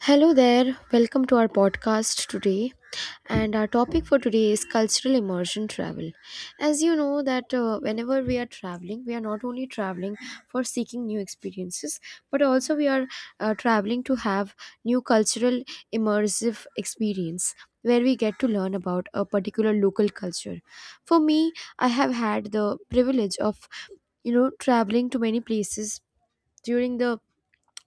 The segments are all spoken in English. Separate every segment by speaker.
Speaker 1: Hello there, welcome to our podcast today. And our topic for today is cultural immersion travel. As you know, that whenever we are traveling, we are not only traveling for seeking new experiences, but also we are traveling to have new cultural immersive experience where we get to learn about a particular local culture. For me, I have had the privilege of, you know, traveling to many places during the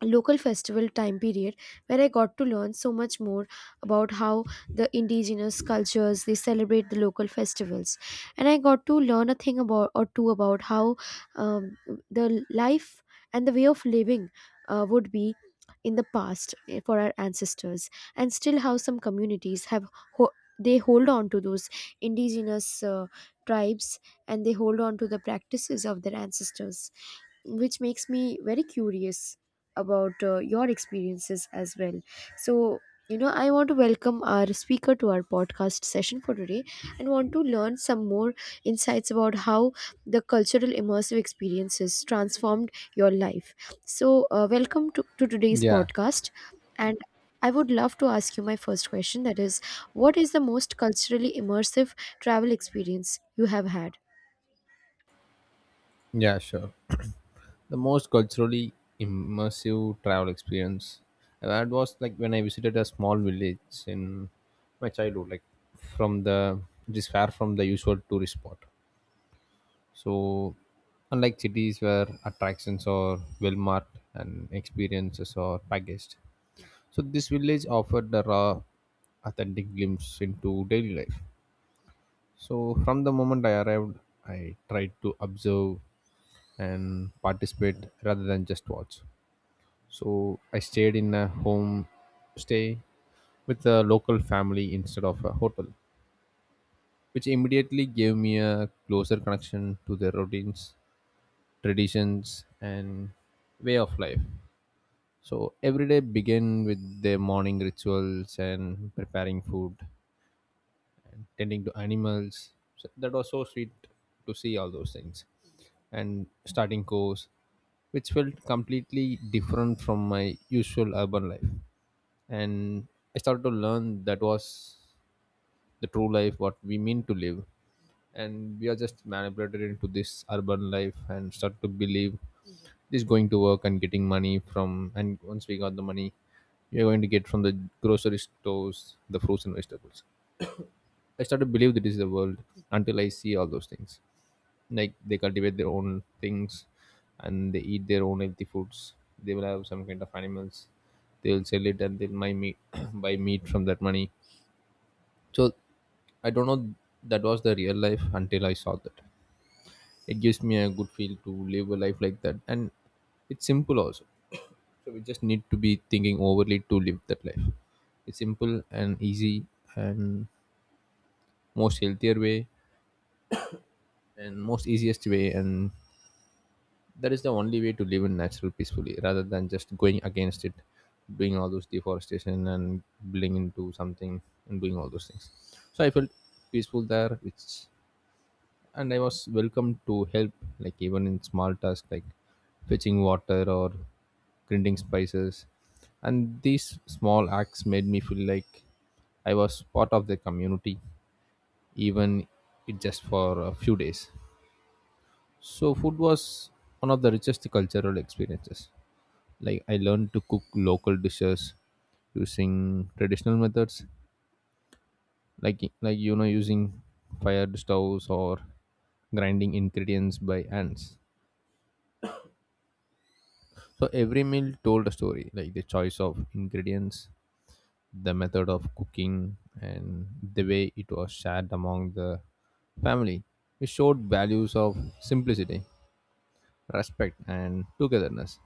Speaker 1: local festival time period where I got to learn so much more about how the indigenous cultures they celebrate the local festivals, and I got to learn a thing about or two about how um, the life and the way of living would be in the past for our ancestors, and still how some communities have ho- they hold on to those indigenous tribes and they hold on to the practices of their ancestors, which makes me very curious about your experiences as well. So, you know, I want to welcome our speaker to our podcast session for today and want to learn some more insights about how the cultural immersive experiences transformed your life. So, welcome to, today's
Speaker 2: Yeah,
Speaker 1: podcast. And I would love to ask you my first question, that is, what is the most culturally immersive travel experience you have had?
Speaker 2: yeah, sure. The most culturally immersive travel experience I had was like when I visited a small village in my childhood, like from the it is far from the usual tourist spot. So, unlike cities where attractions are well marked and experiences are packaged, so this village offered a raw, authentic glimpse into daily life. So, from the moment I arrived, I tried to observe and participate rather than just watch. So, I stayed in a home stay with a local family instead of a hotel, which immediately gave me a closer connection to their routines, traditions, and way of life. So, every day began with their morning rituals and preparing food, tending to animals. So that was so sweet to see all those things. And starting course, which felt completely different from my usual urban life. And I started to learn that was the true life, what we mean to live. And we are just manipulated into this urban life and start to believe just going to work and getting money from, and once we got the money, we are going to get from the grocery stores the fruits and vegetables. I started to believe that is the world until I see all those things. Like, they cultivate their own things, and they eat their own healthy foods. They will have some kind of animals. They'll sell it and they'll buy meat buy meat from that money. So I don't know, that was the real life until I saw that. It gives me a good feel to live a life like that, and it's simple also. So we just need to be thinking overly to live that life. It's simple and easy, and most healthier way and most easiest way, and that is the only way to live in natural peacefully rather than just going against it, doing all those deforestation and building into something and doing all those things. So I felt peaceful there, which, and I was welcome to help, like even in small tasks like fetching water or grinding spices. And these small acts made me feel like I was part of the community, even it just for a few days. So food was one of the richest cultural experiences. Like, I learned to cook local dishes using traditional methods, like using fired stoves or grinding ingredients by hands. So every meal told a story, like the choice of ingredients, the method of cooking, and the way it was shared among the family. It showed values of simplicity, respect, and togetherness.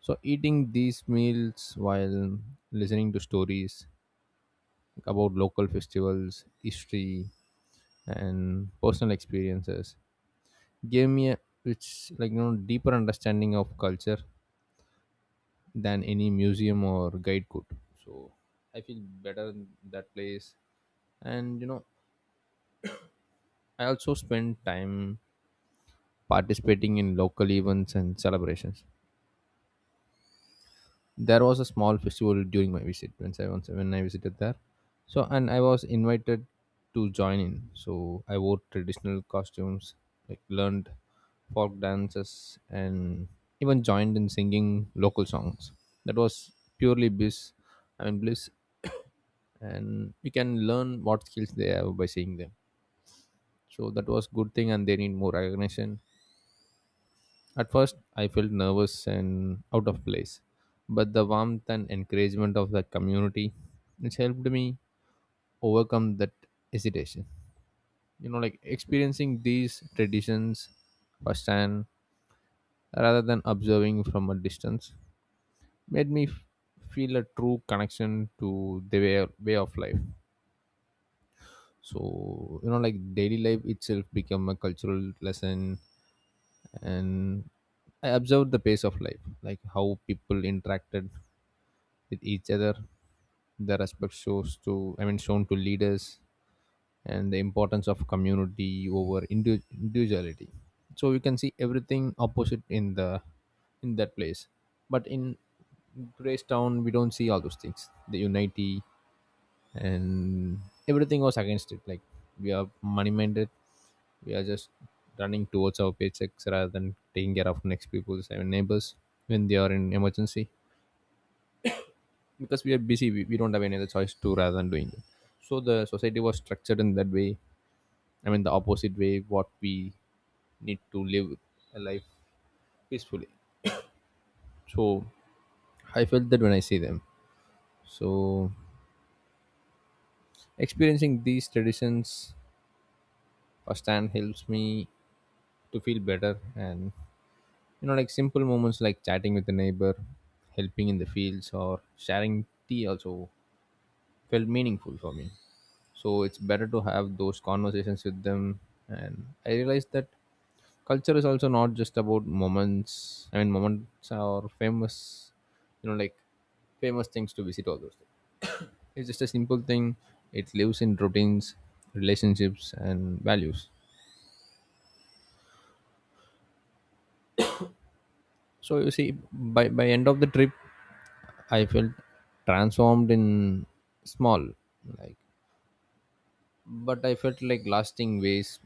Speaker 2: So eating these meals while listening to stories about local festivals, history, and personal experiences gave me a, it's like, deeper understanding of culture than any museum or guide could. So I feel better in that place, and I also spend time participating in local events and celebrations. There was a small festival during my visit when I, visited there. So, and I was invited to join in. So I wore traditional costumes, like learned folk dances and even joined in singing local songs. That was purely bliss, I mean bliss, and you can learn what skills they have by seeing them. So that was good thing and they need more recognition. At first, I felt nervous and out of place, but the warmth and encouragement of the community, which helped me overcome that hesitation. You know, like experiencing these traditions firsthand rather than observing from a distance made me feel a true connection to the way of life. So, you know, like daily life itself became a cultural lesson, and I observed the pace of life, like how people interacted with each other, the respect shows to, I mean, shown to leaders, and the importance of community over individuality. So we can see everything opposite in the in that place, but in today's town we don't see all those things, the unity, and everything was against it. Like, we are money minded, we are just running towards our paychecks rather than taking care of next people's, I mean, neighbors when they are in emergency, because we are busy, we don't have any other choice to rather than doing it. So the society was structured in that way, I mean the opposite way what we need to live a life peacefully. So I felt that when I see them. So experiencing these traditions firsthand helps me to feel better. And you know, like simple moments like chatting with a neighbor, helping in the fields or sharing tea also felt meaningful for me. So it's better to have those conversations with them, and I realized that culture is also not just about moments, I mean moments are famous, you know, like famous things to visit all those things. It's just a simple thing. It lives in routines, relationships and values. So you see, by end of the trip, I felt transformed in small, like, but I felt like lasting ways,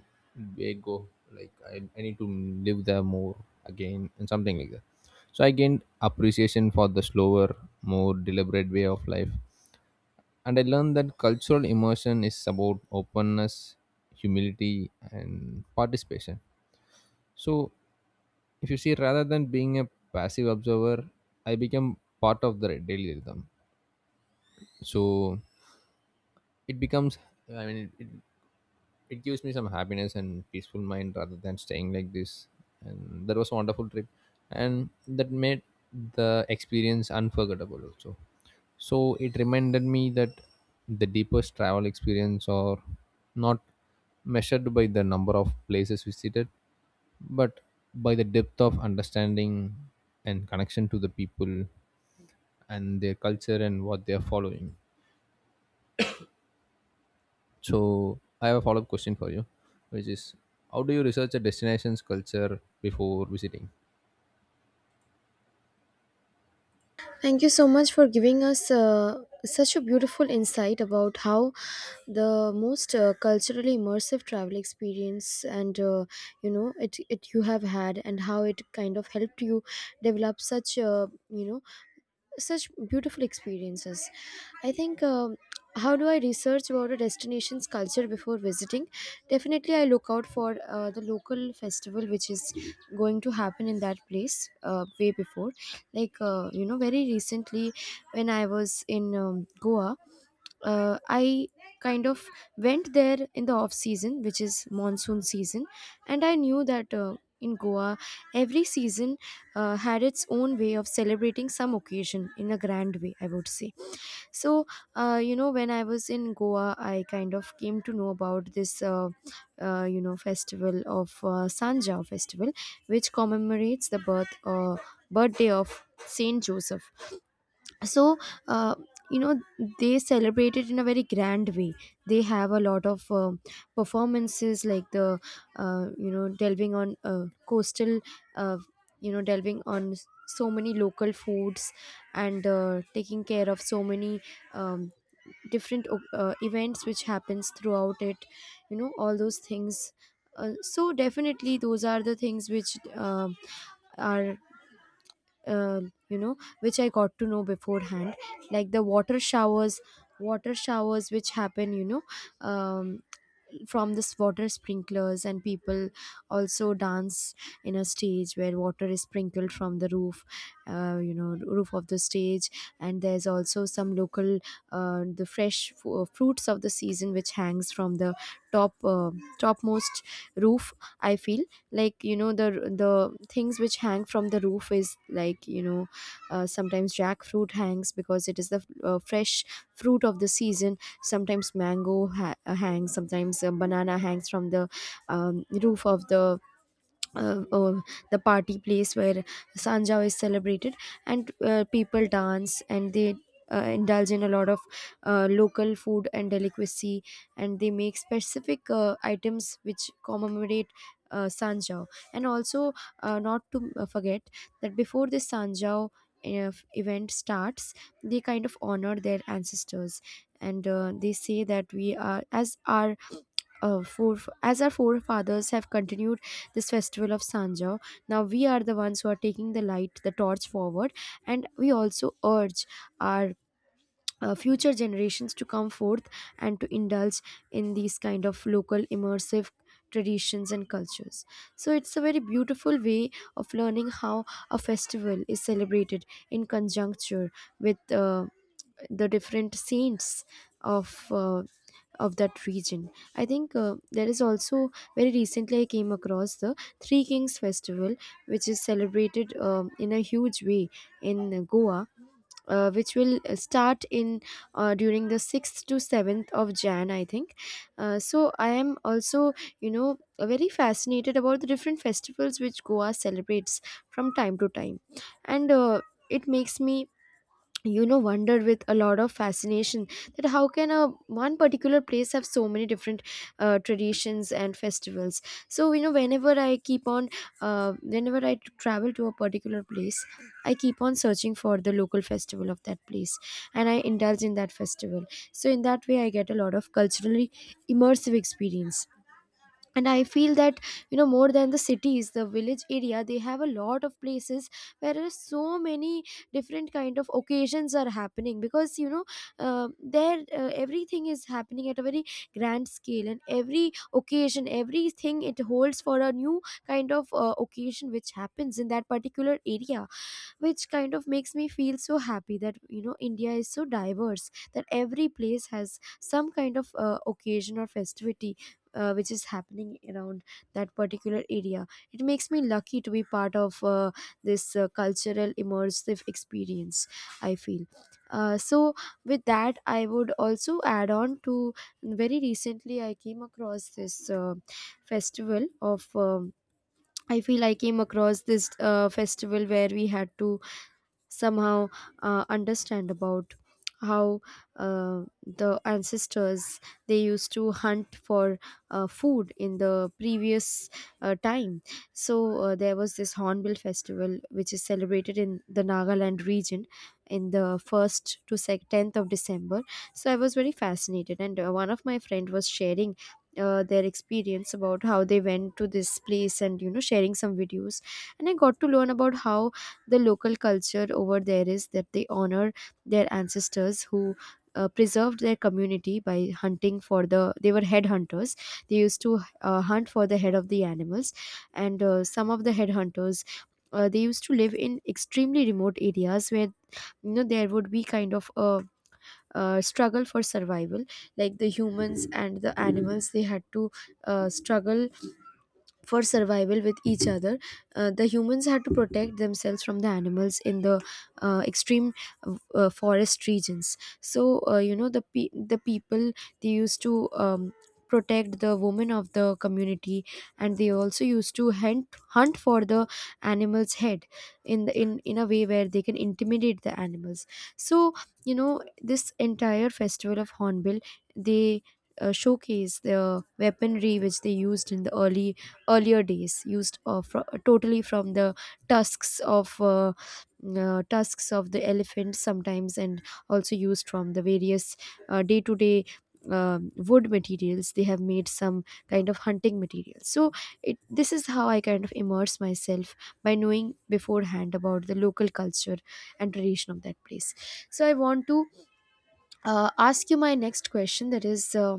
Speaker 2: way go, like I need to live there more again and something like that. So I gained appreciation for the slower, more deliberate way of life. And I learned that cultural immersion is about openness, humility and participation. So if you see, rather than being a passive observer, I became part of the daily rhythm. So it becomes, I mean it gives me some happiness and peaceful mind rather than staying like this. And that was a wonderful trip, and that made the experience unforgettable also. So it reminded me that the deepest travel experience are not measured by the number of places visited, but by the depth of understanding and connection to the people and their culture and what they are following. So I have a follow-up question for you, which is, how do you research a destination's culture before visiting?
Speaker 1: Thank you so much for giving us such a beautiful insight about how the most culturally immersive travel experience and you know it you have had and how it kind of helped you develop such a, you know, such beautiful experiences, I think. How do I research about a destination's culture before visiting? Definitely, I look out for the local festival which is going to happen in that place way before. Like, you know, very recently when I was in Goa, I kind of went there in the off season, which is monsoon season, and I knew that in Goa, every season had its own way of celebrating some occasion in a grand way, I would say. So, you know, when I was in Goa, I kind of came to know about this, you know, festival of Sanja festival, which commemorates the birthday of Saint Joseph. So, uh, you know, they celebrate it in a very grand way. They have a lot of performances like the you know, delving on coastal, uh, you know, delving on so many local foods, and taking care of so many um, different events which happens throughout it, you know, all those things. So definitely those are the things which are, you know, which I got to know beforehand, like the water showers, water showers which happen, you know, um, from this water sprinklers, and people also dance in a stage where water is sprinkled from the roof, you know, roof of the stage. And there's also some local, the fresh fruits of the season which hangs from the top, topmost roof. I feel like, you know, the things which hang from the roof is, like, you know, sometimes jackfruit hangs because it is the fresh fruit of the season. Sometimes mango hangs, sometimes a banana hangs from the, roof of the, uh, uh, the party place where Sanjao is celebrated, and people dance and they indulge in a lot of local food and delicacy, and they make specific items which commemorate Sanjao. And also, not to forget that before this Sanjao event starts, they kind of honor their ancestors, and they say that we are, as our uh, fore, as our forefathers have continued this festival of Sanja, now we are the ones who are taking the light, the torch forward, and we also urge our future generations to come forth and to indulge in these kind of local immersive traditions and cultures. So it's a very beautiful way of learning how a festival is celebrated in conjuncture with the different saints of uh, of that region. I think there is also very recently I came across the Three Kings Festival, which is celebrated in a huge way in Goa. Which will start in during the 6th to 7th of Jan, I think. So I am also, you know, very fascinated about the different festivals which Goa celebrates from time to time. And it makes me, you know, wondered with a lot of fascination, that how can a one particular place have so many different traditions and festivals. So, you know, whenever I keep on, whenever I travel to a particular place, I keep on searching for the local festival of that place, and I indulge in that festival. So in that way I get a lot of culturally immersive experience. And I feel that, you know, more than the cities, the village area, they have a lot of places where there are so many different kind of occasions are happening, because, you know, uh, there, everything is happening at a very grand scale, and every occasion, everything, it holds for a new kind of occasion which happens in that particular area, which kind of makes me feel so happy that, you know, India is so diverse that every place has some kind of occasion or festivity, which is happening around that particular area. It makes me lucky to be part of this cultural immersive experience, I feel. So with that, I would also add on to, very recently I came across this festival of. I feel I came across this festival where we had to somehow understand about how the ancestors they used to hunt for food in the previous time. So there was this Hornbill Festival which is celebrated in the Nagaland region in the 1st to 10th of December. So I was very fascinated, and one of my friend was sharing their experience about how they went to this place, and, you know, sharing some videos, and I got to learn about how the local culture over there is that they honor their ancestors who preserved their community by hunting for the, they were head hunters, they used to hunt for the head of the animals. And some of the head hunters, they used to live in extremely remote areas where, you know, there would be kind of a, uh, struggle for survival, like the humans and the animals, they had to struggle for survival with each other. The humans had to protect themselves from the animals in the extreme forest regions. So, you know, the the people they used to, protect the women of the community, and they also used to hunt for the animal's head in the, in a way where they can intimidate the animals. So, you know, this entire festival of Hornbill, they showcase the weaponry which they used in the early earlier days, used totally from the tusks of uh, tusks of the elephant sometimes, and also used from the various day-to-day wood materials, they have made some kind of hunting material. So it this is how I kind of immerse myself by knowing beforehand about the local culture and tradition of that place. So I want to ask you my next question, that is,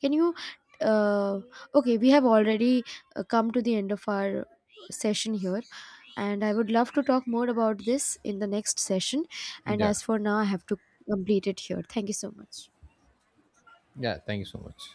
Speaker 1: can you? Uh, okay, we have already come to the end of our session here, and I would love to talk more about this in the next session. And
Speaker 2: Yeah.
Speaker 1: as for now, I have to complete it here. Thank you so much.
Speaker 2: Yeah. Thank you so much.